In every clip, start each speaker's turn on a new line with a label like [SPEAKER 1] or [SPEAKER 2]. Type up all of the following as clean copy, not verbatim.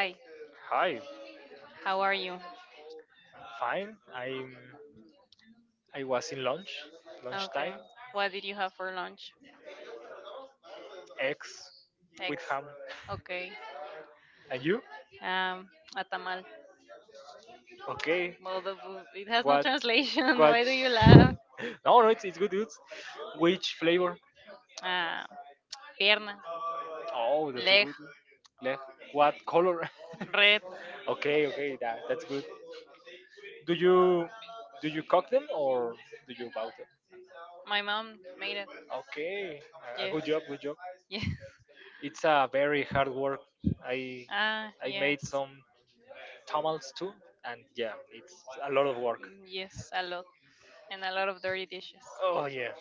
[SPEAKER 1] Hi,
[SPEAKER 2] Hi,
[SPEAKER 1] how are you?
[SPEAKER 2] fine. I'm. I was in lunch, lunchtime,
[SPEAKER 1] Okay. What did you have for lunch?
[SPEAKER 2] eggs with
[SPEAKER 1] Eggs.
[SPEAKER 2] ham.
[SPEAKER 1] Okay.
[SPEAKER 2] And you?
[SPEAKER 1] Um, a tamal.
[SPEAKER 2] Okay.
[SPEAKER 1] Well, the food, it has no
[SPEAKER 2] What?
[SPEAKER 1] translation.
[SPEAKER 2] What?
[SPEAKER 1] Why do you
[SPEAKER 2] No,
[SPEAKER 1] laugh?
[SPEAKER 2] no, it's good. It's which flavor?
[SPEAKER 1] Uh, pierna,
[SPEAKER 2] Oh, that's a good.
[SPEAKER 1] leg,
[SPEAKER 2] Leg. What color?
[SPEAKER 1] red.
[SPEAKER 2] Okay, okay, that's good. Do you do you cook them or do you buy them?
[SPEAKER 1] My mom made it.
[SPEAKER 2] Okay, a
[SPEAKER 1] Yes.
[SPEAKER 2] good job, good job.
[SPEAKER 1] Yes.
[SPEAKER 2] It's a very hard work. I
[SPEAKER 1] Ah,
[SPEAKER 2] I made
[SPEAKER 1] yes.
[SPEAKER 2] some tamales too, and yeah, it's a lot of work.
[SPEAKER 1] Mm, yes, a lot. And a lot of dirty dishes.
[SPEAKER 2] Oh yeah,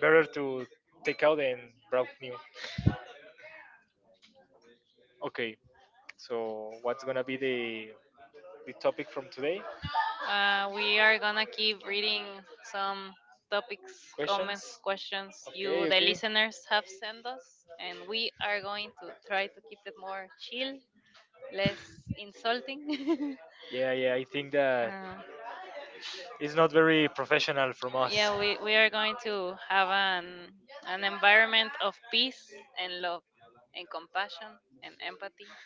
[SPEAKER 2] better to take out and browse new. Okay, so what's gonna be the topic from today?
[SPEAKER 1] We are gonna keep reading some topics,
[SPEAKER 2] Questions?
[SPEAKER 1] comments, questions
[SPEAKER 2] Okay,
[SPEAKER 1] you, the
[SPEAKER 2] okay.
[SPEAKER 1] listeners, have sent us, and we are going to try to keep it more chill, less insulting.
[SPEAKER 2] Yeah, yeah. I think that
[SPEAKER 1] Uh,
[SPEAKER 2] it's not very professional from us.
[SPEAKER 1] yeah, we are going to have an environment of peace and love and compassion and empathy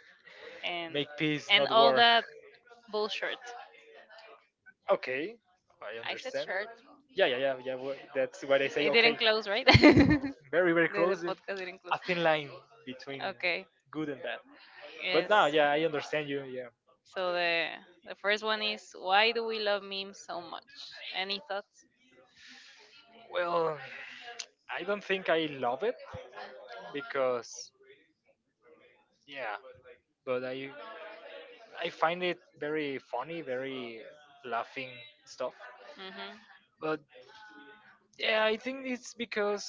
[SPEAKER 1] and
[SPEAKER 2] Make peace, not
[SPEAKER 1] and all
[SPEAKER 2] war.
[SPEAKER 1] that bullshit.
[SPEAKER 2] Okay, I
[SPEAKER 1] I said
[SPEAKER 2] understand.
[SPEAKER 1] shirt.
[SPEAKER 2] Yeah, yeah, yeah, yeah. That's what I say.
[SPEAKER 1] It
[SPEAKER 2] Okay.
[SPEAKER 1] didn't close, right? the,
[SPEAKER 2] Very very
[SPEAKER 1] the
[SPEAKER 2] close,
[SPEAKER 1] podcast didn't
[SPEAKER 2] a
[SPEAKER 1] close.
[SPEAKER 2] thin line between
[SPEAKER 1] Okay.
[SPEAKER 2] good and bad. But
[SPEAKER 1] Yes.
[SPEAKER 2] now, yeah, I understand you. Yeah,
[SPEAKER 1] So the first one is why do we love memes so much? Any thoughts?
[SPEAKER 2] well, I don't think I love it, because yeah. But I find it very funny, very laughing stuff.
[SPEAKER 1] Mhm.
[SPEAKER 2] But yeah, I think it's because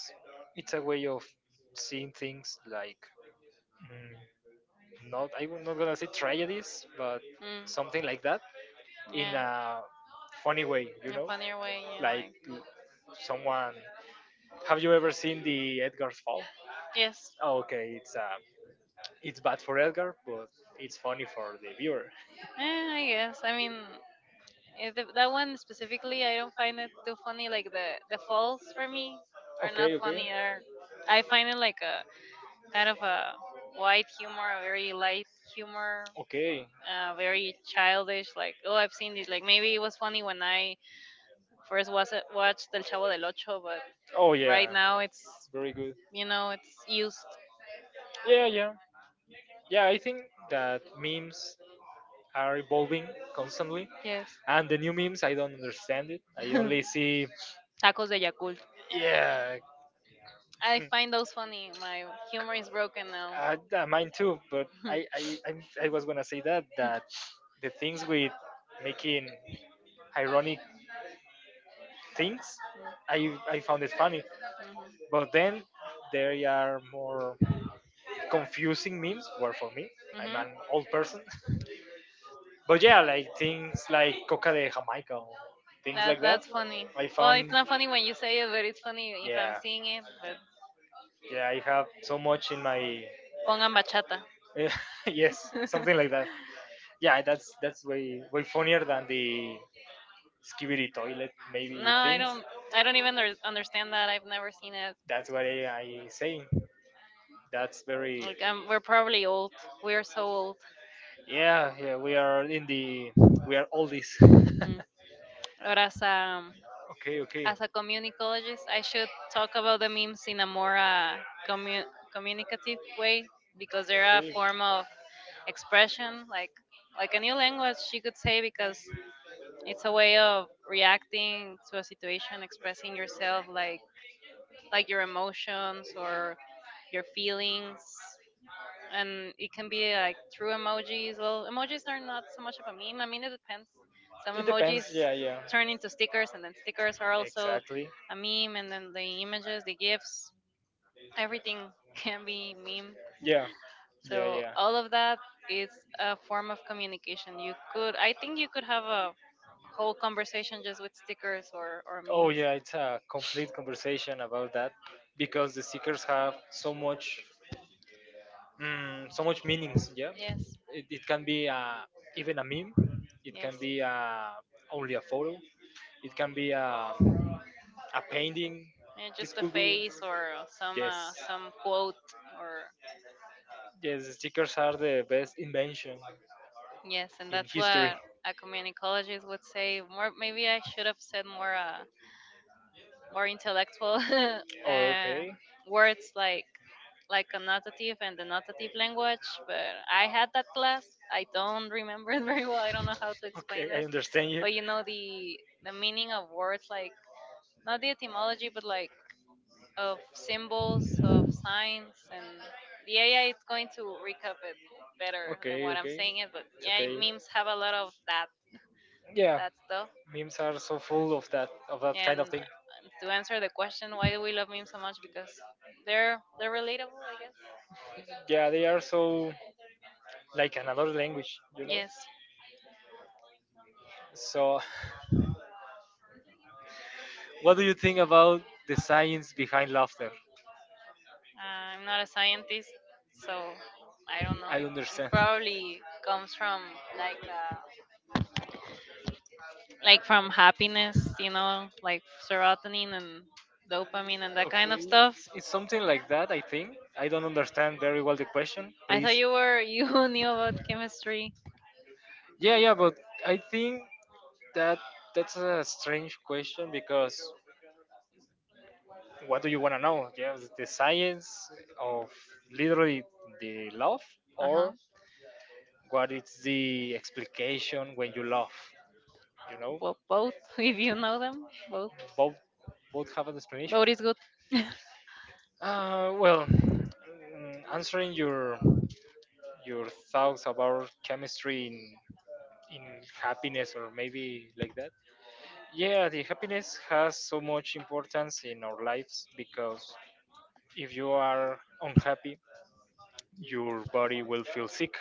[SPEAKER 2] it's a way of seeing things, like mm, not, I'm not gonna say tragedies but
[SPEAKER 1] Mm.
[SPEAKER 2] something like that, in
[SPEAKER 1] Yeah.
[SPEAKER 2] a funny way you
[SPEAKER 1] In a
[SPEAKER 2] know
[SPEAKER 1] funnier way, you know,
[SPEAKER 2] Like
[SPEAKER 1] like
[SPEAKER 2] someone, have you ever seen the Edgar's Fall?
[SPEAKER 1] yes.
[SPEAKER 2] Oh, okay, it's bad for Edgar, but it's funny for the viewer.
[SPEAKER 1] I guess. I mean, that one specifically, I don't find it too funny. Like the falls for me are
[SPEAKER 2] Okay,
[SPEAKER 1] not
[SPEAKER 2] okay,
[SPEAKER 1] funny. Are I find it like a kind of a white humor, a very light humor,
[SPEAKER 2] okay.
[SPEAKER 1] very childish. Like oh, I've seen this. Like maybe it was funny when I first was watched El Chavo del Ocho, but
[SPEAKER 2] Oh yeah,
[SPEAKER 1] right now it's
[SPEAKER 2] very good.
[SPEAKER 1] you know it's used.
[SPEAKER 2] Yeah, yeah, yeah. I think that memes are evolving constantly,
[SPEAKER 1] Yes.
[SPEAKER 2] and the new memes I don't understand it. I only see.
[SPEAKER 1] Tacos de Yakult.
[SPEAKER 2] Yeah,
[SPEAKER 1] I find those funny. My humor is broken now.
[SPEAKER 2] mine too. But I I i I was gonna say that the things with making ironic things, I found it funny.
[SPEAKER 1] Mhm.
[SPEAKER 2] But then there are more confusing memes were for me. I'm
[SPEAKER 1] Mhm.
[SPEAKER 2] an old person. But yeah, like things like coca de jamaica or things like
[SPEAKER 1] That
[SPEAKER 2] that,
[SPEAKER 1] that's funny.
[SPEAKER 2] I
[SPEAKER 1] Well,
[SPEAKER 2] found.
[SPEAKER 1] it's not funny when you say it, but it's funny if I'm
[SPEAKER 2] Yeah,
[SPEAKER 1] seeing it. But
[SPEAKER 2] yeah, I have so much in my.
[SPEAKER 1] pongan bachata.
[SPEAKER 2] Yes, something like that. Yeah, that's way way funnier than the skibidi toilet maybe
[SPEAKER 1] No, I
[SPEAKER 2] things.
[SPEAKER 1] don't. I don't even understand that. I've never seen it.
[SPEAKER 2] That's what I saying. That's very.
[SPEAKER 1] Like I we're probably old. We're so old.
[SPEAKER 2] Yeah, yeah, we are in the. We are all this. Okay,
[SPEAKER 1] Mm. But
[SPEAKER 2] okay.
[SPEAKER 1] as a communicologist, I should talk about the memes in a more commu- communicative way because they're a
[SPEAKER 2] Okay.
[SPEAKER 1] form of expression, like a new language. You could say because it's a way of reacting to a situation, expressing yourself like your emotions or your feelings. And it can be like through emojis. Well, emojis are not so much of a meme. I mean, it depends. Some
[SPEAKER 2] It
[SPEAKER 1] emojis
[SPEAKER 2] depends. Yeah, yeah,
[SPEAKER 1] turn into stickers, and then stickers are also
[SPEAKER 2] exactly.
[SPEAKER 1] a meme, and then the images, the GIFs, everything can be meme.
[SPEAKER 2] Yeah, yeah,
[SPEAKER 1] So
[SPEAKER 2] yeah.
[SPEAKER 1] all of that is a form of communication. You could, I think, you could have a whole conversation just with stickers or or,
[SPEAKER 2] Oh
[SPEAKER 1] memes.
[SPEAKER 2] yeah, it's a complete conversation about that, because the seekers have so much meanings. Yeah,
[SPEAKER 1] Yes,
[SPEAKER 2] it can be even a meme. It
[SPEAKER 1] yes.
[SPEAKER 2] can be only a photo. It can be a painting.
[SPEAKER 1] Yeah,
[SPEAKER 2] This
[SPEAKER 1] just a
[SPEAKER 2] could be.
[SPEAKER 1] face or some
[SPEAKER 2] Yes,
[SPEAKER 1] uh, some quote or
[SPEAKER 2] yes. Stickers are the best invention
[SPEAKER 1] yes, and
[SPEAKER 2] in
[SPEAKER 1] that's
[SPEAKER 2] history.
[SPEAKER 1] what a communicologist would say. More, maybe I should have said more. More intellectual
[SPEAKER 2] Oh,
[SPEAKER 1] uh,
[SPEAKER 2] okay,
[SPEAKER 1] words like connotative and denotative language, but I had that class. I don't remember it very well. I don't know how to explain
[SPEAKER 2] okay. I
[SPEAKER 1] it,
[SPEAKER 2] understand you.
[SPEAKER 1] but you know the meaning of words, like not the etymology but like of symbols, of signs. And the AI is going to recap it better than
[SPEAKER 2] Okay,
[SPEAKER 1] what I'm
[SPEAKER 2] okay.
[SPEAKER 1] saying it. But
[SPEAKER 2] It's
[SPEAKER 1] yeah,
[SPEAKER 2] okay.
[SPEAKER 1] memes have a lot of that.
[SPEAKER 2] Yeah,
[SPEAKER 1] That's tough.
[SPEAKER 2] memes are so full of that kind
[SPEAKER 1] And
[SPEAKER 2] of thing.
[SPEAKER 1] to answer the question, why do we love memes so much? Because they're relatable, I guess.
[SPEAKER 2] Yeah, they are so like another language.
[SPEAKER 1] Yes,
[SPEAKER 2] So, what do you think about the science behind laughter?
[SPEAKER 1] I'm not a scientist, so I don't know. It
[SPEAKER 2] Understand.
[SPEAKER 1] probably comes from like uh, like from happiness, you know, like serotonin and dopamine and that kind of
[SPEAKER 2] Okay,
[SPEAKER 1] stuff.
[SPEAKER 2] it's something like that, I think. I don't understand very well the question,
[SPEAKER 1] I
[SPEAKER 2] please.
[SPEAKER 1] thought you were you knew about chemistry.
[SPEAKER 2] Yeah, yeah, but I think that that's a strange question because what do you want to know? Yes, the science of literally the love,
[SPEAKER 1] Uh huh.
[SPEAKER 2] or what is the explication when you love? You know,
[SPEAKER 1] Well, both if you know them, both
[SPEAKER 2] both both have an explanation.
[SPEAKER 1] both is good.
[SPEAKER 2] Well, answering your thoughts about chemistry in happiness or maybe like that. Yeah, the happiness has so much importance in our lives, because if you are unhappy your body will feel sick,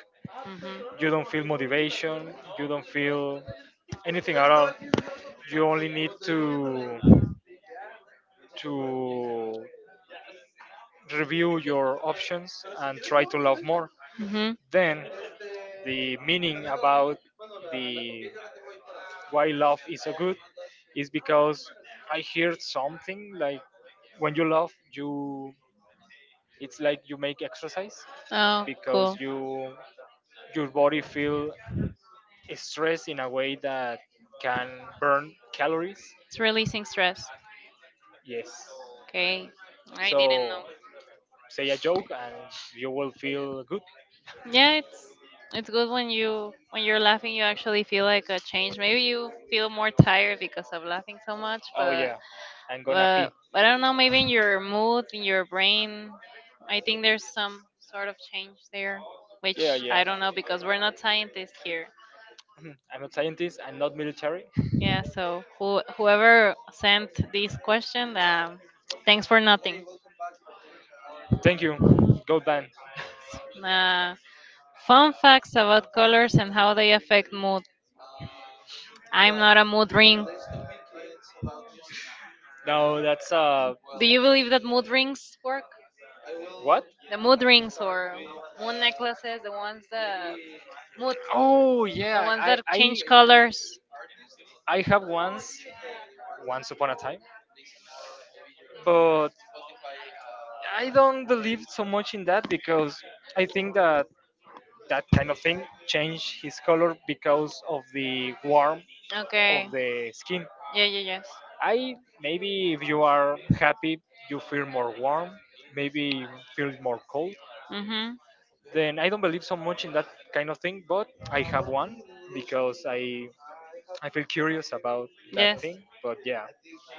[SPEAKER 2] you don't feel motivation, you don't feel
[SPEAKER 1] Mm-hmm.
[SPEAKER 2] anything at all, you only need to review your options and try to love more.
[SPEAKER 1] Mm-hmm.
[SPEAKER 2] Then the meaning about the why love is so good is because I heard something like when you laugh, you it's like you make exercise,
[SPEAKER 1] Oh,
[SPEAKER 2] because
[SPEAKER 1] cool.
[SPEAKER 2] your body feel stress in a way that can burn calories.
[SPEAKER 1] It's releasing stress.
[SPEAKER 2] Yes.
[SPEAKER 1] Okay. I didn't know.
[SPEAKER 2] So say a joke and you will feel good.
[SPEAKER 1] Yeah, it's good when you're laughing you actually feel like a change. Maybe you feel more tired because of laughing so much,
[SPEAKER 2] Oh
[SPEAKER 1] but
[SPEAKER 2] yeah, I'm gonna pee.
[SPEAKER 1] but I don't know, maybe in your mood, in your brain, I think there's some sort of change there,
[SPEAKER 2] Yeah,
[SPEAKER 1] which
[SPEAKER 2] yeah.
[SPEAKER 1] I don't know because we're not scientists here.
[SPEAKER 2] I'm a scientist. I'm not military.
[SPEAKER 1] Yeah, so whoever sent this question, thanks for nothing.
[SPEAKER 2] Thank you. Gold band.
[SPEAKER 1] Uh, Fun facts about colors and how they affect mood. I'm not a mood ring.
[SPEAKER 2] No, that's
[SPEAKER 1] Do you believe that mood rings work?
[SPEAKER 2] what?
[SPEAKER 1] The mood rings or moon necklaces, mood,
[SPEAKER 2] Oh
[SPEAKER 1] the
[SPEAKER 2] yeah,
[SPEAKER 1] ones
[SPEAKER 2] I
[SPEAKER 1] that
[SPEAKER 2] I
[SPEAKER 1] change colors.
[SPEAKER 2] I have once upon a time, but I don't believe so much in that, because I think that that kind of thing changed his color because of the warmth
[SPEAKER 1] Okay.
[SPEAKER 2] of the skin.
[SPEAKER 1] Yeah, yeah, yes.
[SPEAKER 2] I maybe if you are happy, you feel more warm. Maybe feel more cold.
[SPEAKER 1] Mhm.
[SPEAKER 2] Then I don't believe so much in that kind of thing, but I have one because I feel curious about that
[SPEAKER 1] Yes.
[SPEAKER 2] thing. But yeah,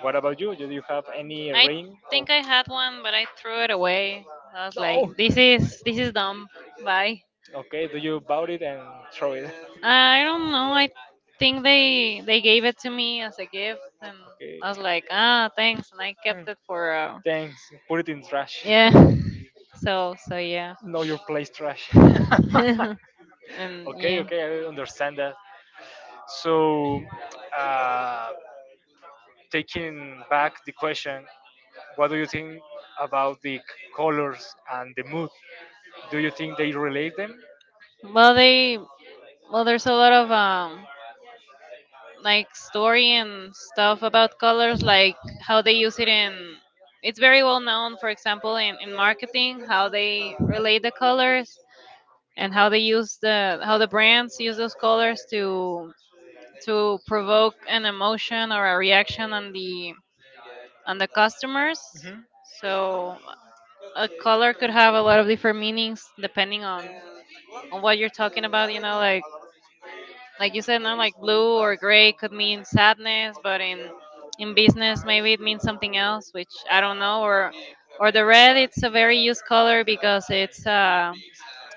[SPEAKER 2] what about you? Do you have any
[SPEAKER 1] I
[SPEAKER 2] ring? Or
[SPEAKER 1] think I had one, but I threw it away. I was like,
[SPEAKER 2] no?
[SPEAKER 1] this is dumb. Bye.
[SPEAKER 2] Okay, do you about it and throw it?
[SPEAKER 1] I don't know. I think they gave it to me as a gift, and
[SPEAKER 2] Okay,
[SPEAKER 1] I was like, ah, thanks, and I
[SPEAKER 2] hmm,
[SPEAKER 1] kept it for.
[SPEAKER 2] thanks. Put it in trash.
[SPEAKER 1] Yeah. So yeah.
[SPEAKER 2] Know your place trash.
[SPEAKER 1] And
[SPEAKER 2] Okay,
[SPEAKER 1] yeah.
[SPEAKER 2] okay, I understand that. So, uh, taking back the question, what do you think about the colors and the mood? Do you think they relate them?
[SPEAKER 1] Well, there's a lot of like story and stuff about colors, like how they use it in. It's very well known, for example, in marketing, how they relate the colors and how they use the how the brands use those colors to provoke an emotion or a reaction on the customers.
[SPEAKER 2] Hmm.
[SPEAKER 1] So a color could have a lot of different meanings depending on what you're talking about. You know, like you said, now like blue or gray could mean sadness, but in business maybe it means something else, which I don't know. Or the red, it's a very used color because it's uh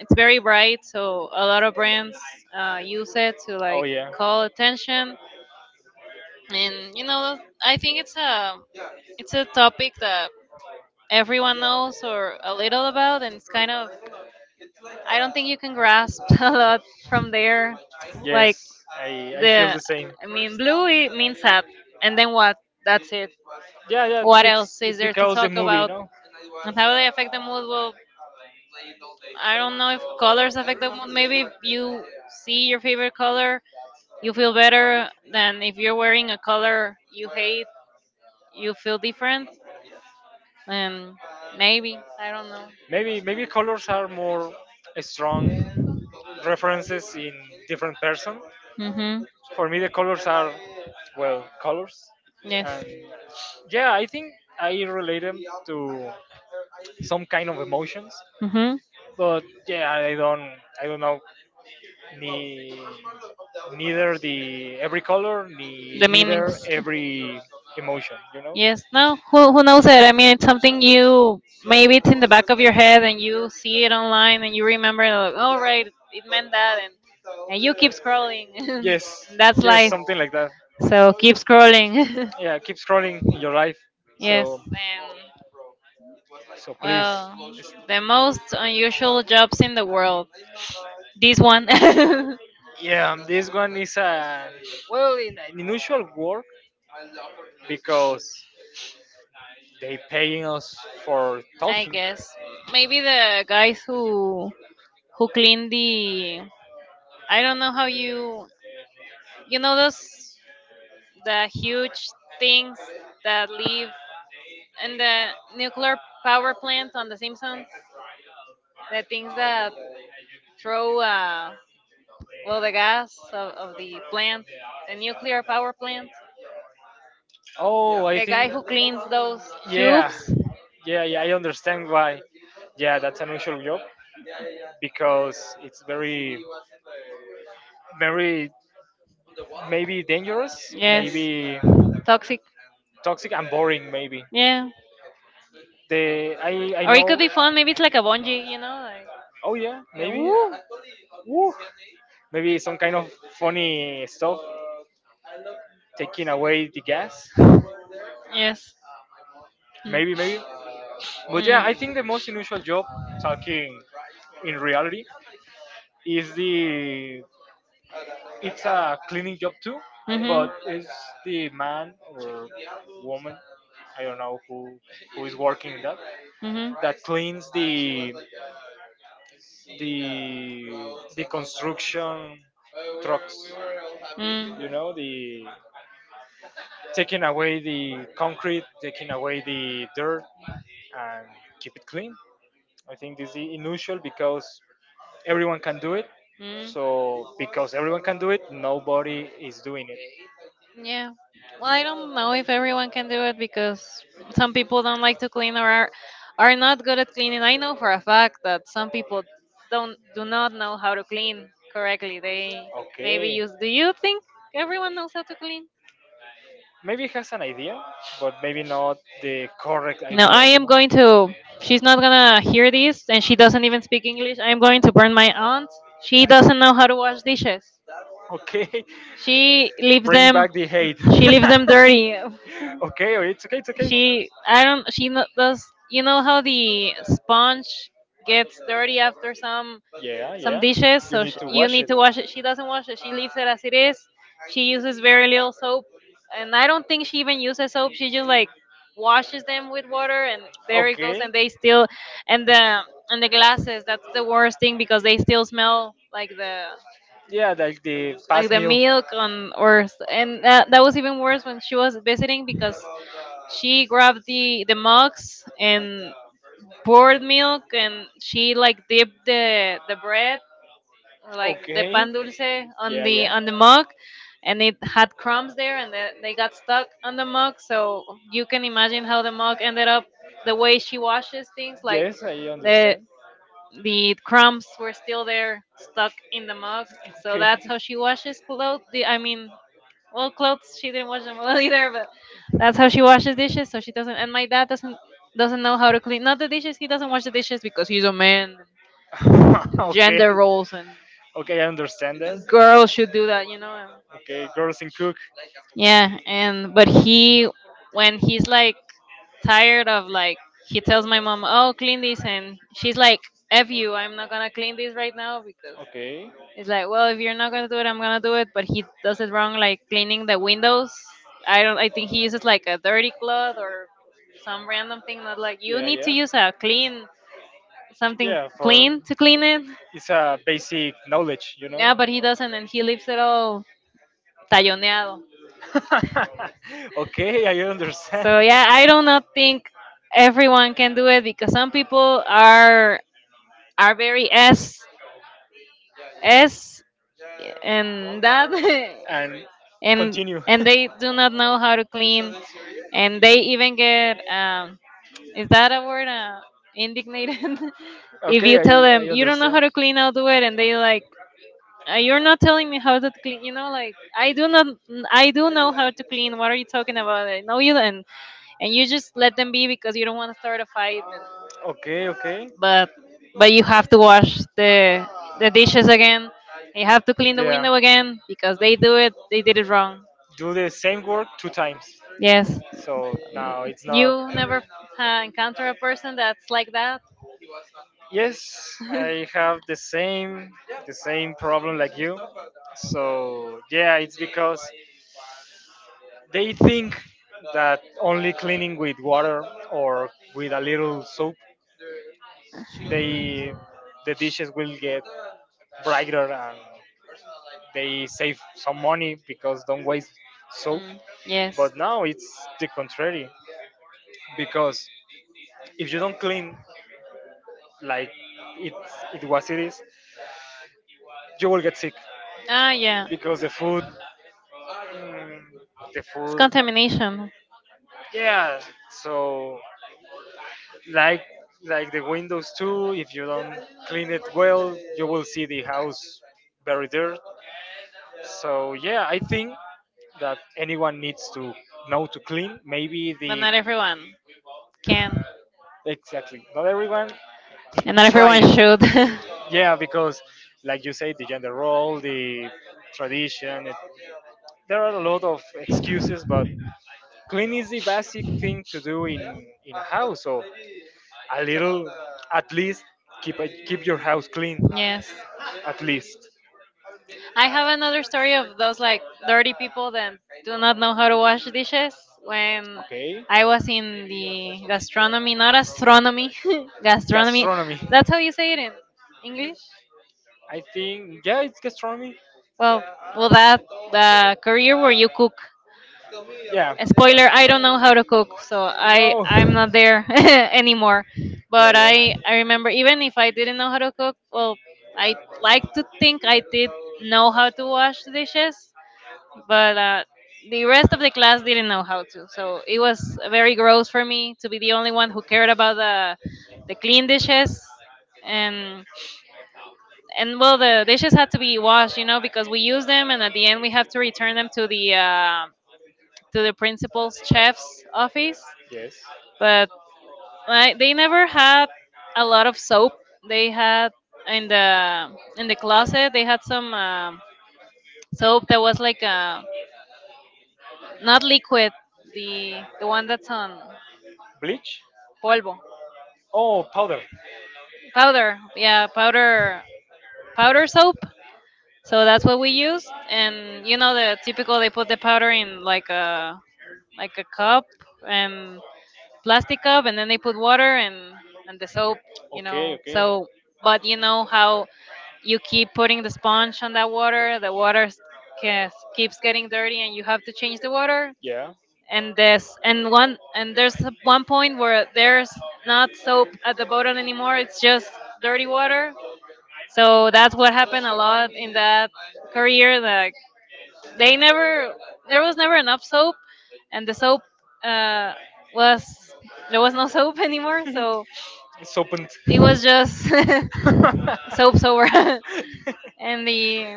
[SPEAKER 1] it's very bright, so a lot of brands use it to
[SPEAKER 2] Oh
[SPEAKER 1] like
[SPEAKER 2] yeah.
[SPEAKER 1] call attention. And you know, I think it's a topic that everyone knows or a little about, and it's kind of I don't think you can grasp a lot from there. Like
[SPEAKER 2] Yes, I I feel
[SPEAKER 1] the
[SPEAKER 2] the same.
[SPEAKER 1] I mean blue it means up and then what? That's it.
[SPEAKER 2] Yeah, yeah.
[SPEAKER 1] What else
[SPEAKER 2] It's
[SPEAKER 1] is there to
[SPEAKER 2] because the
[SPEAKER 1] talk
[SPEAKER 2] movie,
[SPEAKER 1] about?
[SPEAKER 2] no?
[SPEAKER 1] And how they affect the mood? Well, I don't know if colors affect the mood. Maybe if you see your favorite color, you feel better than if you're wearing a color you hate, you feel different. And maybe I don't know.
[SPEAKER 2] Maybe colors are more strong references in different person.
[SPEAKER 1] Mhm.
[SPEAKER 2] For me, the colors are well, colors,
[SPEAKER 1] Yes.
[SPEAKER 2] and yeah, I think I relate them to some kind of emotions.
[SPEAKER 1] Mhm.
[SPEAKER 2] But yeah, I don't know ni, neither the every color ni
[SPEAKER 1] The
[SPEAKER 2] neither
[SPEAKER 1] meanings.
[SPEAKER 2] every emotion. You know?
[SPEAKER 1] Yes, no, who knows it? I mean, it's something you maybe it's in the back of your head and you see it online and you remember, like, oh, right, it meant that, and, you keep scrolling. And
[SPEAKER 2] Yes,
[SPEAKER 1] that's
[SPEAKER 2] yes,
[SPEAKER 1] life.
[SPEAKER 2] something like that.
[SPEAKER 1] So keep scrolling.
[SPEAKER 2] Yeah, keep scrolling in your life.
[SPEAKER 1] Yes,
[SPEAKER 2] So
[SPEAKER 1] and
[SPEAKER 2] so please.
[SPEAKER 1] well,
[SPEAKER 2] It's-
[SPEAKER 1] the most unusual jobs in the world. This one.
[SPEAKER 2] Yeah, this one is a, well, in an unusual work, because they paying us for
[SPEAKER 1] I
[SPEAKER 2] talking.
[SPEAKER 1] guess. Maybe the guys who clean the I don't know how you know those the huge things that live in the nuclear power plant on the Simpsons. The things that throw well the gas of the plant, the nuclear power plant.
[SPEAKER 2] Oh, I
[SPEAKER 1] The guy
[SPEAKER 2] think
[SPEAKER 1] who cleans those
[SPEAKER 2] yeah.
[SPEAKER 1] tubes.
[SPEAKER 2] Yeah, yeah, I understand why. Yeah, that's an unusual job because it's very, very, maybe dangerous,
[SPEAKER 1] Yes.
[SPEAKER 2] maybe
[SPEAKER 1] Toxic.
[SPEAKER 2] toxic and boring. Maybe
[SPEAKER 1] Yeah.
[SPEAKER 2] the I
[SPEAKER 1] Or it could
[SPEAKER 2] know.
[SPEAKER 1] be fun. Maybe it's like a bungee, you know? Like,
[SPEAKER 2] Oh yeah,
[SPEAKER 1] yeah,
[SPEAKER 2] maybe.
[SPEAKER 1] woo.
[SPEAKER 2] Woo. Maybe some kind of funny stuff, taking away the gas.
[SPEAKER 1] Yes.
[SPEAKER 2] Maybe, maybe.
[SPEAKER 1] Mm.
[SPEAKER 2] But yeah, I think the most unusual job, talking in reality, is the it's a cleaning job too,
[SPEAKER 1] Mm.
[SPEAKER 2] but
[SPEAKER 1] Mhm.
[SPEAKER 2] it's the man or woman, I don't know who is working in that,
[SPEAKER 1] Mhm.
[SPEAKER 2] that cleans the the construction trucks. You know, the taking away the concrete, taking away the dirt, and keep it clean. I think this is unusual because everyone can do it.
[SPEAKER 1] Mm.
[SPEAKER 2] So because everyone can do it, nobody is doing it.
[SPEAKER 1] Mm. Yeah. Well, I don't know if everyone can do it because some people don't like to clean or are not good at cleaning. I know for a fact that some people don't do not know how to clean correctly. They maybe use. Do you think everyone knows how to clean?
[SPEAKER 2] Maybe he has an idea, but maybe not the correct.
[SPEAKER 1] No, I am going to. She's not gonna hear this, and she doesn't even speak English. I am going to burn my aunt. She doesn't know how to wash dishes.
[SPEAKER 2] Okay.
[SPEAKER 1] She leaves them.
[SPEAKER 2] Hate.
[SPEAKER 1] She leaves them dirty.
[SPEAKER 2] Okay, oh, it's okay, it's.
[SPEAKER 1] She, I don't, she does. You know how the sponge gets dirty after some dishes, so sh you need to wash it. She doesn't wash it. She leaves it as it is. She uses very little soap, and I don't think she even uses soap. She just like washes them with water, and there it goes. And they still, and the glasses. That's the worst thing because they still smell like the
[SPEAKER 2] Yeah, like the
[SPEAKER 1] like the milk and or and that, was even worse when she was visiting because she grabbed the mugs and poured milk and she like dipped the bread like the pan dulce on the mug and it had crumbs there and they got stuck on the mug, so you can imagine how the mug ended up the way she washes things, like
[SPEAKER 2] wishy.
[SPEAKER 1] the the crumbs were still there stuck in the mug. So that's how she washes clothes I mean well clothes she didn't wash them well either, but that's how she washes dishes, so she doesn't. And my dad doesn't know how to clean, not the dishes. He doesn't wash the dishes because he's a man and
[SPEAKER 2] Okay.
[SPEAKER 1] gender
[SPEAKER 2] That's.
[SPEAKER 1] roles,
[SPEAKER 2] Okay, I understand that.
[SPEAKER 1] and girls should do that, you know, and,
[SPEAKER 2] Okay, girls in cook.
[SPEAKER 1] yeah, and but he, when he's like tired of like, he tells my mom, oh clean this, and she's like, f you, I'm not gonna clean this right now because
[SPEAKER 2] Okay. I don't.
[SPEAKER 1] it's like, well, if you're not gonna do it, I'm gonna do it. But he does it wrong, like cleaning the windows. I don't. I think he uses like a dirty cloth or some random thing. Not like you need to use a clean something clean to clean it.
[SPEAKER 2] It's a basic knowledge, you.
[SPEAKER 1] Yeah, but he doesn't, and he leaves it all talloneado.
[SPEAKER 2] Okay, I understand.
[SPEAKER 1] So yeah, I do not think everyone can do it because some people are very s s and that
[SPEAKER 2] And
[SPEAKER 1] and Continue.
[SPEAKER 2] continue.
[SPEAKER 1] And they do not know how to clean and they even get is that a word indignated. If you
[SPEAKER 2] Okay,
[SPEAKER 1] tell
[SPEAKER 2] I
[SPEAKER 1] them, "You don't know
[SPEAKER 2] understand.
[SPEAKER 1] how to clean, I'll do it," and they like, You're not telling me how to clean, like I do not I do know how to clean. What are you talking about? I know you." And you just let them be because you don't want to start a fight, and,
[SPEAKER 2] Okay, okay.
[SPEAKER 1] but you have to wash the dishes again, you have to clean the
[SPEAKER 2] Yeah.
[SPEAKER 1] window again because they did it wrong.
[SPEAKER 2] Do the same work two times.
[SPEAKER 1] Yes.
[SPEAKER 2] So now it's not.
[SPEAKER 1] You never encounter a person that's like that?
[SPEAKER 2] Yes, I have the same problem like you. So yeah, it's because they think that only cleaning with water or with a little soap, they the dishes will get brighter and they save some money because don't waste soap.
[SPEAKER 1] Mm, yes.
[SPEAKER 2] But now it's the contrary, because if you don't clean, like it it is you will get sick,
[SPEAKER 1] Ah, yeah.
[SPEAKER 2] because mm, the
[SPEAKER 1] It's
[SPEAKER 2] food
[SPEAKER 1] contamination,
[SPEAKER 2] yeah. So like like the windows too, if you don't clean it well, you will see the house very dirty. So yeah, I think that anyone needs to know to clean. Maybe
[SPEAKER 1] but
[SPEAKER 2] the.
[SPEAKER 1] not everyone can,
[SPEAKER 2] Exactly, not everyone
[SPEAKER 1] and not
[SPEAKER 2] try
[SPEAKER 1] everyone
[SPEAKER 2] it.
[SPEAKER 1] should.
[SPEAKER 2] Yeah, because like you say, the gender role, the tradition. It, there are a lot of excuses, but clean is the basic thing to do in a house. So a little, at least keep your house clean,
[SPEAKER 1] Yes.
[SPEAKER 2] at least.
[SPEAKER 1] I have another story of those like dirty people that do not know how to wash dishes. When
[SPEAKER 2] Okay,
[SPEAKER 1] I was in the gastronomy, not astronomy, gastronomy.
[SPEAKER 2] astronomy.
[SPEAKER 1] That's how you say it in English.
[SPEAKER 2] I think yeah, it's gastronomy.
[SPEAKER 1] Well, well, that the career where you cook.
[SPEAKER 2] Yeah.
[SPEAKER 1] Spoiler: I don't know how to cook, so I
[SPEAKER 2] No.
[SPEAKER 1] I'm not there anymore. But I remember, even if I didn't know how to cook, well, I like to think I did know how to wash dishes, but the rest of the class didn't know how to. So it was very gross for me to be the only one who cared about the clean dishes, and. and well, the dishes had to be washed, you know, because we use them and at the end we have to return them to the principal's chef's office.
[SPEAKER 2] Yes.
[SPEAKER 1] But like, they never had a lot of soap. They had in the closet, they had some soap that was like not liquid, the one that's on
[SPEAKER 2] Bleach.
[SPEAKER 1] polvo,
[SPEAKER 2] Oh, powder.
[SPEAKER 1] powder, yeah, powder, powder soap. So that's what we used, and you know the typical, they put the powder in like a cup, and plastic cup, and then they put water and the soap, you
[SPEAKER 2] Okay.
[SPEAKER 1] know.
[SPEAKER 2] Okay.
[SPEAKER 1] So, but you know how you keep putting the sponge on that water, the keeps getting dirty, and you have to change the water.
[SPEAKER 2] Yeah.
[SPEAKER 1] And this and one and there's one point where there's not soap at the bottom anymore; it's just dirty water. So that's what happened a lot in that career. They never. There was never enough soap, and the soap uh, was there was no soap anymore. So
[SPEAKER 2] It's opened.
[SPEAKER 1] it was just soap over, and the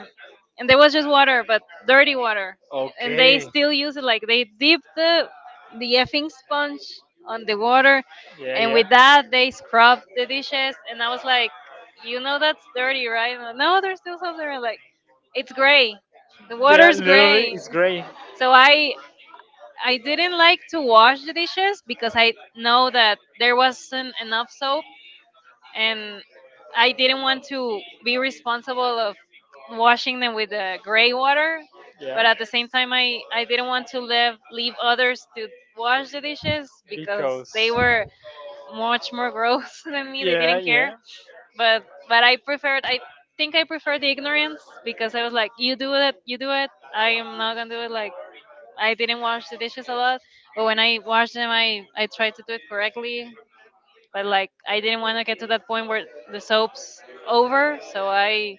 [SPEAKER 1] and there was just water, but dirty water,
[SPEAKER 2] And
[SPEAKER 1] and they
[SPEAKER 2] they
[SPEAKER 1] still use it. Like they dip the effing sponge on the water,
[SPEAKER 2] the. Yeah,
[SPEAKER 1] and
[SPEAKER 2] yeah.
[SPEAKER 1] with that they scrub the dishes, and I was like, "You know that's dirty, right?" And, no, there's still something like, it's gray. The water's
[SPEAKER 2] Great,
[SPEAKER 1] gray.
[SPEAKER 2] it's great.
[SPEAKER 1] So I didn't like to wash the dishes because I know that there wasn't enough soap, and I didn't want to be responsible of washing them with the gray water. But at the same time, I didn't want to leave, leave others to wash the dishes because
[SPEAKER 2] Because
[SPEAKER 1] they were much more gross than me. They
[SPEAKER 2] care
[SPEAKER 1] didn't care.
[SPEAKER 2] yeah.
[SPEAKER 1] But I preferred, I think I preferred the ignorance because I was like, you do it, you do it. I am not going to do it. Like, I didn't wash the dishes a lot, but when I washed them, I tried to do it correctly. But like, I didn't want to get to that point where the soap's over, so I,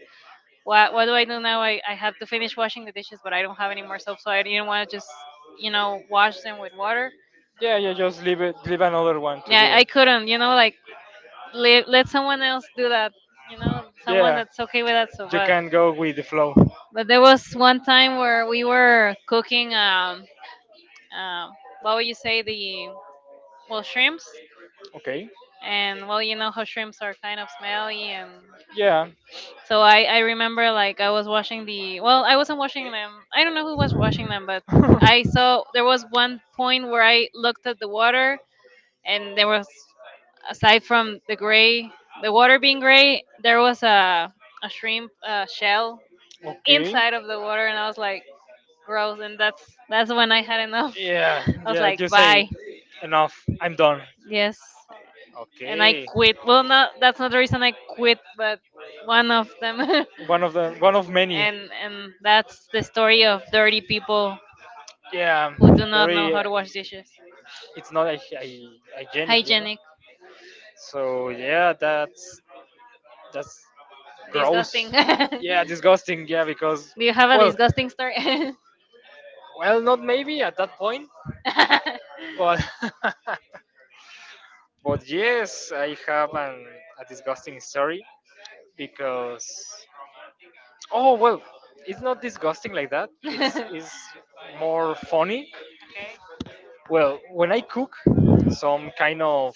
[SPEAKER 1] what do I do now? I have to finish washing the dishes, but I don't have any more soap, so I didn't want to just, you know, wash them with water.
[SPEAKER 2] Yeah, yeah. Just leave it. Leave another one
[SPEAKER 1] Yeah,
[SPEAKER 2] do.
[SPEAKER 1] I couldn't, you know, like let, let someone else do that. You know, someone that's okay with that. So,
[SPEAKER 2] You
[SPEAKER 1] but
[SPEAKER 2] can go with the flow.
[SPEAKER 1] there was one time where we were cooking um what would you say, the well shrimps.
[SPEAKER 2] Okay.
[SPEAKER 1] And well, you know how shrimps are kind of smelly, and
[SPEAKER 2] Yeah.
[SPEAKER 1] so I remember, like, I was washing the, well, I wasn't washing them, I don't know who was washing them, but
[SPEAKER 2] I
[SPEAKER 1] I saw there was one point where I looked at the water, and there was, aside from the water being gray, there was a shrimp shell
[SPEAKER 2] looked.
[SPEAKER 1] inside of the water, and I was like, gross, and that's when I had enough.
[SPEAKER 2] Yeah,
[SPEAKER 1] I was
[SPEAKER 2] yeah,
[SPEAKER 1] like,
[SPEAKER 2] you say
[SPEAKER 1] bye.
[SPEAKER 2] enough. I'm done.
[SPEAKER 1] Yes. And I
[SPEAKER 2] Okay.
[SPEAKER 1] quit. Well, not that's not the reason I quit, but one of them.
[SPEAKER 2] One of many.
[SPEAKER 1] And that's the story of dirty people
[SPEAKER 2] Yeah,
[SPEAKER 1] who do not know
[SPEAKER 2] very.
[SPEAKER 1] how to wash dishes.
[SPEAKER 2] It's not a hygienic.
[SPEAKER 1] Hygienic,
[SPEAKER 2] So yeah, that's gross.
[SPEAKER 1] disgusting.
[SPEAKER 2] Yeah,
[SPEAKER 1] Do
[SPEAKER 2] disgusting. Yeah, because
[SPEAKER 1] you have a
[SPEAKER 2] well,
[SPEAKER 1] disgusting story?
[SPEAKER 2] well, not maybe at that point, but but yes, I have a disgusting story, because. Oh well, it's not disgusting like that. It's is more funny.
[SPEAKER 1] Okay.
[SPEAKER 2] Well, when I cook some kind of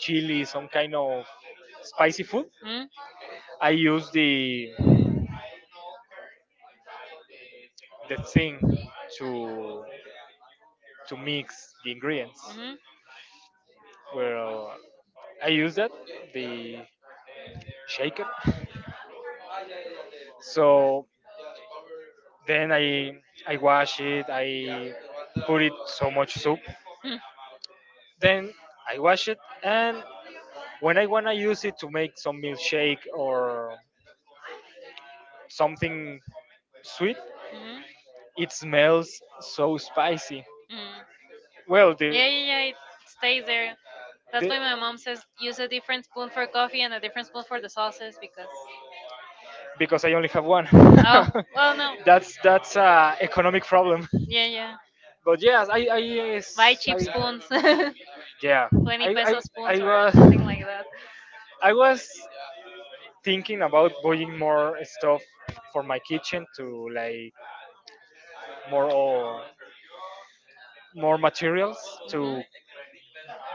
[SPEAKER 2] chili, some kind of spicy food,
[SPEAKER 1] Hmm?
[SPEAKER 2] I use the thing to to mix the ingredients.
[SPEAKER 1] Mhm.
[SPEAKER 2] Well, I use that the shaker. So then I wash it. I put it so much soup.
[SPEAKER 1] Mm,
[SPEAKER 2] Then I wash it. And when I wanna use it to make some milkshake or something sweet,
[SPEAKER 1] mhm,
[SPEAKER 2] it smells so spicy.
[SPEAKER 1] mm.
[SPEAKER 2] Well, the
[SPEAKER 1] Yeah, yeah, yeah. It stays there. That's
[SPEAKER 2] the
[SPEAKER 1] why my mom says use a different spoon for coffee and a different spoon for the sauces because,
[SPEAKER 2] because I only have one.
[SPEAKER 1] oh, well, no.
[SPEAKER 2] That's a economic problem.
[SPEAKER 1] Yeah, yeah.
[SPEAKER 2] But yes, I yes,
[SPEAKER 1] Buy cheap
[SPEAKER 2] I
[SPEAKER 1] spoons,
[SPEAKER 2] yeah, I
[SPEAKER 1] 20
[SPEAKER 2] I
[SPEAKER 1] peso
[SPEAKER 2] I
[SPEAKER 1] spoons or
[SPEAKER 2] was
[SPEAKER 1] something like that.
[SPEAKER 2] I was thinking about buying more stuff for my kitchen to, like, more or more materials to
[SPEAKER 1] Hmm.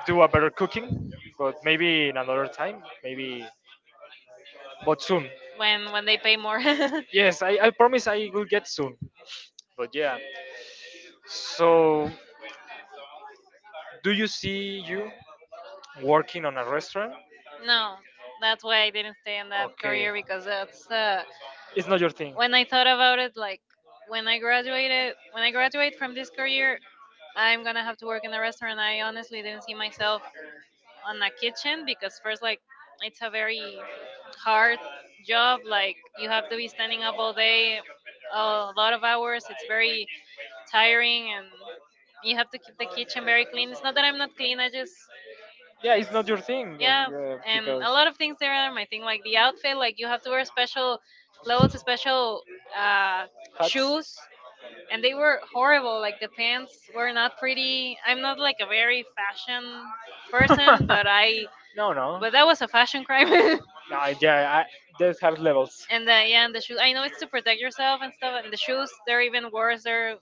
[SPEAKER 2] do a better cooking, but maybe in another time maybe, but soon.
[SPEAKER 1] When they pay more.
[SPEAKER 2] Yes, I promise I will get soon. But yeah, so do you see you working on a restaurant?
[SPEAKER 1] No, that's why I didn't stay in that
[SPEAKER 2] Okay,
[SPEAKER 1] career, because that's,
[SPEAKER 2] it's not your thing.
[SPEAKER 1] when I thought about it, like when I graduated, when I graduate from this career, I'm gonna have to work in a restaurant. I honestly didn't see myself on a kitchen because, first, like, it's a very hard job, like you have to be standing up all day, a lot of hours, it's very tiring, and you have to keep the kitchen very clean. It's not that I'm not clean, I just,
[SPEAKER 2] Yeah,
[SPEAKER 1] it's
[SPEAKER 2] it's not your thing,
[SPEAKER 1] yeah. And
[SPEAKER 2] because
[SPEAKER 1] a lot of things there are my thing, like the outfit. Like you have to wear special clothes, special uh, shoes,
[SPEAKER 2] Hats.
[SPEAKER 1] and they were horrible. Like the pants were not pretty, I'm not like a very fashion person, but I,
[SPEAKER 2] No, no.
[SPEAKER 1] but that was a fashion crime.
[SPEAKER 2] No, yeah, I, there's hard levels.
[SPEAKER 1] And the, yeah, and the shoes. I know it's to protect yourself and stuff. And the shoes, they're even worse. They're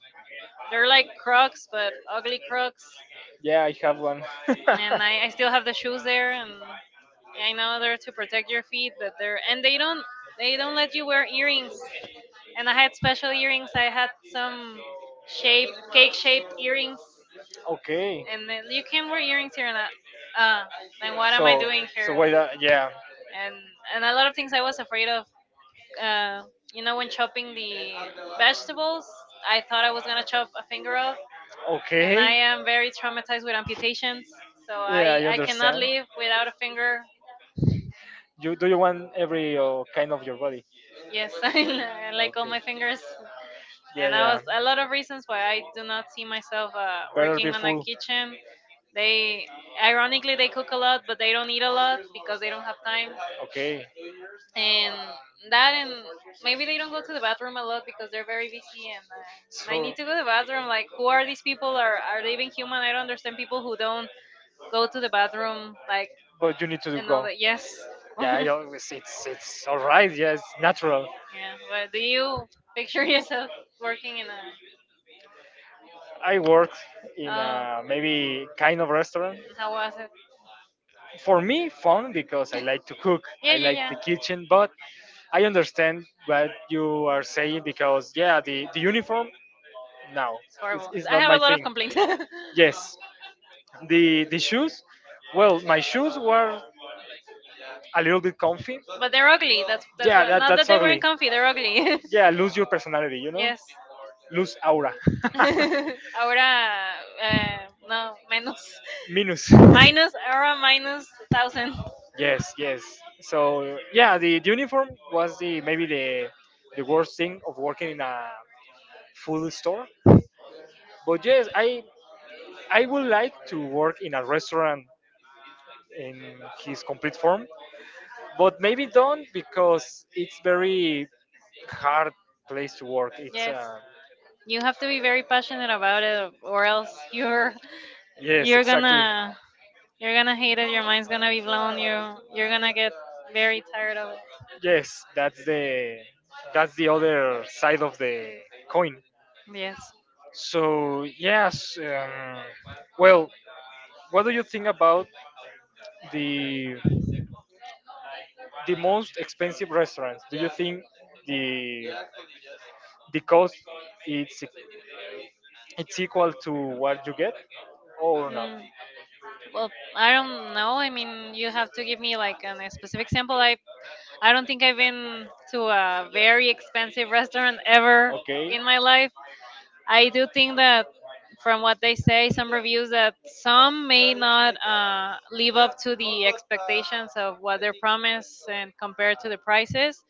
[SPEAKER 1] like Crocs, but ugly Crocs.
[SPEAKER 2] Yeah, I have one. And
[SPEAKER 1] And I still have the shoes there. And I know they're to protect your feet, but they're, and they don't, let you wear earrings. And I had special earrings. I had some shape cake shaped earrings.
[SPEAKER 2] okay.
[SPEAKER 1] And then you can wear earrings here. And I, uh, then what am I doing here? And a lot of things I was afraid of. uh, you know, when chopping the vegetables, I thought I was gonna chop a finger off,
[SPEAKER 2] Off.
[SPEAKER 1] and I
[SPEAKER 2] Okay.
[SPEAKER 1] am very traumatized with amputations, so I cannot live without a finger.
[SPEAKER 2] You do you want every kind of your body?
[SPEAKER 1] Yes, I like all my fingers. And that was a lot of reasons why I do not see myself working
[SPEAKER 2] Be.
[SPEAKER 1] on a kitchen. They Ironically, they cook a lot, but they don't eat a lot because they don't have time.
[SPEAKER 2] Okay. I,
[SPEAKER 1] And that and maybe they don't go to the bathroom a lot because they're very busy, and I need to go to the bathroom. Like, who are these people? Are they even human? I don't understand people who don't go to the bathroom, like,
[SPEAKER 2] but you need to do
[SPEAKER 1] and all
[SPEAKER 2] go.
[SPEAKER 1] that. Yes.
[SPEAKER 2] Yeah,
[SPEAKER 1] Yeah.
[SPEAKER 2] I always, it's all right. Yeah, it's natural.
[SPEAKER 1] But do you picture yourself working in a,
[SPEAKER 2] I work in
[SPEAKER 1] oh,
[SPEAKER 2] a maybe kind of restaurant.
[SPEAKER 1] and how was it?
[SPEAKER 2] For me, fun because I like to cook.
[SPEAKER 1] Yeah,
[SPEAKER 2] I
[SPEAKER 1] yeah,
[SPEAKER 2] like the
[SPEAKER 1] yeah.
[SPEAKER 2] kitchen, but I understand what you are saying because yeah, the uniform, no,
[SPEAKER 1] It's
[SPEAKER 2] it's,
[SPEAKER 1] horrible.
[SPEAKER 2] it's
[SPEAKER 1] I
[SPEAKER 2] not
[SPEAKER 1] have
[SPEAKER 2] my
[SPEAKER 1] a lot of
[SPEAKER 2] thing.
[SPEAKER 1] complaints. But
[SPEAKER 2] Yes, the shoes. Well, my shoes were a little bit comfy.
[SPEAKER 1] they're ugly. That's
[SPEAKER 2] Yeah,
[SPEAKER 1] what.
[SPEAKER 2] that
[SPEAKER 1] Not that
[SPEAKER 2] that's
[SPEAKER 1] they weren't
[SPEAKER 2] ugly.
[SPEAKER 1] comfy. They're ugly.
[SPEAKER 2] Yeah, lose your personality, yes.
[SPEAKER 1] Yes.
[SPEAKER 2] Lose aura.
[SPEAKER 1] Ahora, eh, no, menos.
[SPEAKER 2] Minus. Minus.
[SPEAKER 1] Minus, ahora minus thousand.
[SPEAKER 2] Yes, yes. So yeah, the uniform was the maybe the worst thing of working in a food store. But yes, I would like to work in a restaurant in his complete form, but maybe don't, because it's very hard place to work. It's
[SPEAKER 1] Yes. You have to be very passionate about it, or else
[SPEAKER 2] Yes,
[SPEAKER 1] you're exactly.
[SPEAKER 2] exactly.
[SPEAKER 1] gonna, you're gonna hate it. Your mind's gonna be blown. You're gonna get very tired of it.
[SPEAKER 2] Yes, that's the other side of the coin.
[SPEAKER 1] Yes.
[SPEAKER 2] So yes, well, what do you think about the the most expensive restaurants? Do you think the the cost it's it's equal to what you get or not?
[SPEAKER 1] Mm, well, I don't know. I mean, you have to give me like a specific example. I don't think I've been to a very expensive restaurant ever
[SPEAKER 2] Okay.
[SPEAKER 1] in my life. I do think that from what they say, some reviews that some may not live up to the expectations of what they're promised and compared to the prices.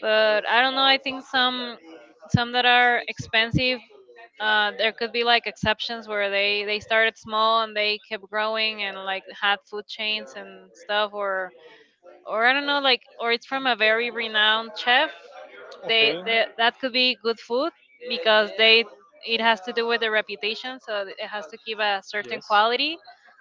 [SPEAKER 1] But I don't know. I think some that are expensive, there could be like exceptions where they started small and they kept growing, and like had food chains and stuff, or I don't know, like, or it's from a very renowned chef.
[SPEAKER 2] Okay.
[SPEAKER 1] They That could be good food because they it has to do with the reputation, so it has to give a certain
[SPEAKER 2] Yes.
[SPEAKER 1] quality.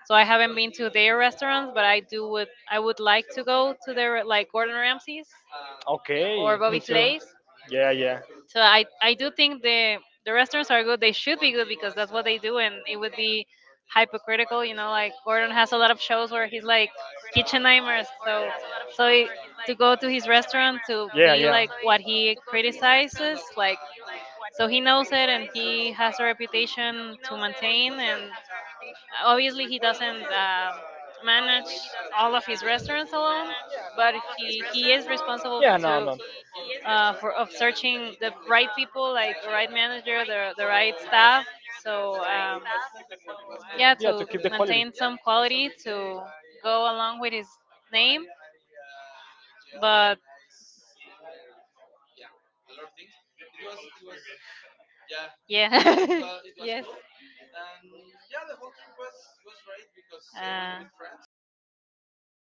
[SPEAKER 1] So I haven't been to their restaurants, but I do would, I would like to go to their, like, Gordon Ramsay's
[SPEAKER 2] Okay.
[SPEAKER 1] or
[SPEAKER 2] Me
[SPEAKER 1] Bobby
[SPEAKER 2] too.
[SPEAKER 1] Flay's.
[SPEAKER 2] Yeah, yeah.
[SPEAKER 1] So I do think the restaurants are good. They should be good because that's what they do, and it would be hypocritical. You know, like Gordon has a lot of shows where he's like Kitchen Nightmares. So,
[SPEAKER 2] Yeah, yeah.
[SPEAKER 1] so it, to go to his restaurant to be like what he criticizes, like, so he knows it, and he has a reputation to maintain. And obviously, he doesn't manage all of his restaurants alone,
[SPEAKER 2] Yeah, no,
[SPEAKER 1] but
[SPEAKER 2] no.
[SPEAKER 1] he is responsible to for, of searching the right people, like the right manager, the right staff. So
[SPEAKER 2] Yeah, to keep the quality.
[SPEAKER 1] yeah, to maintain some quality to go along with his name. But yeah. Yes. uh,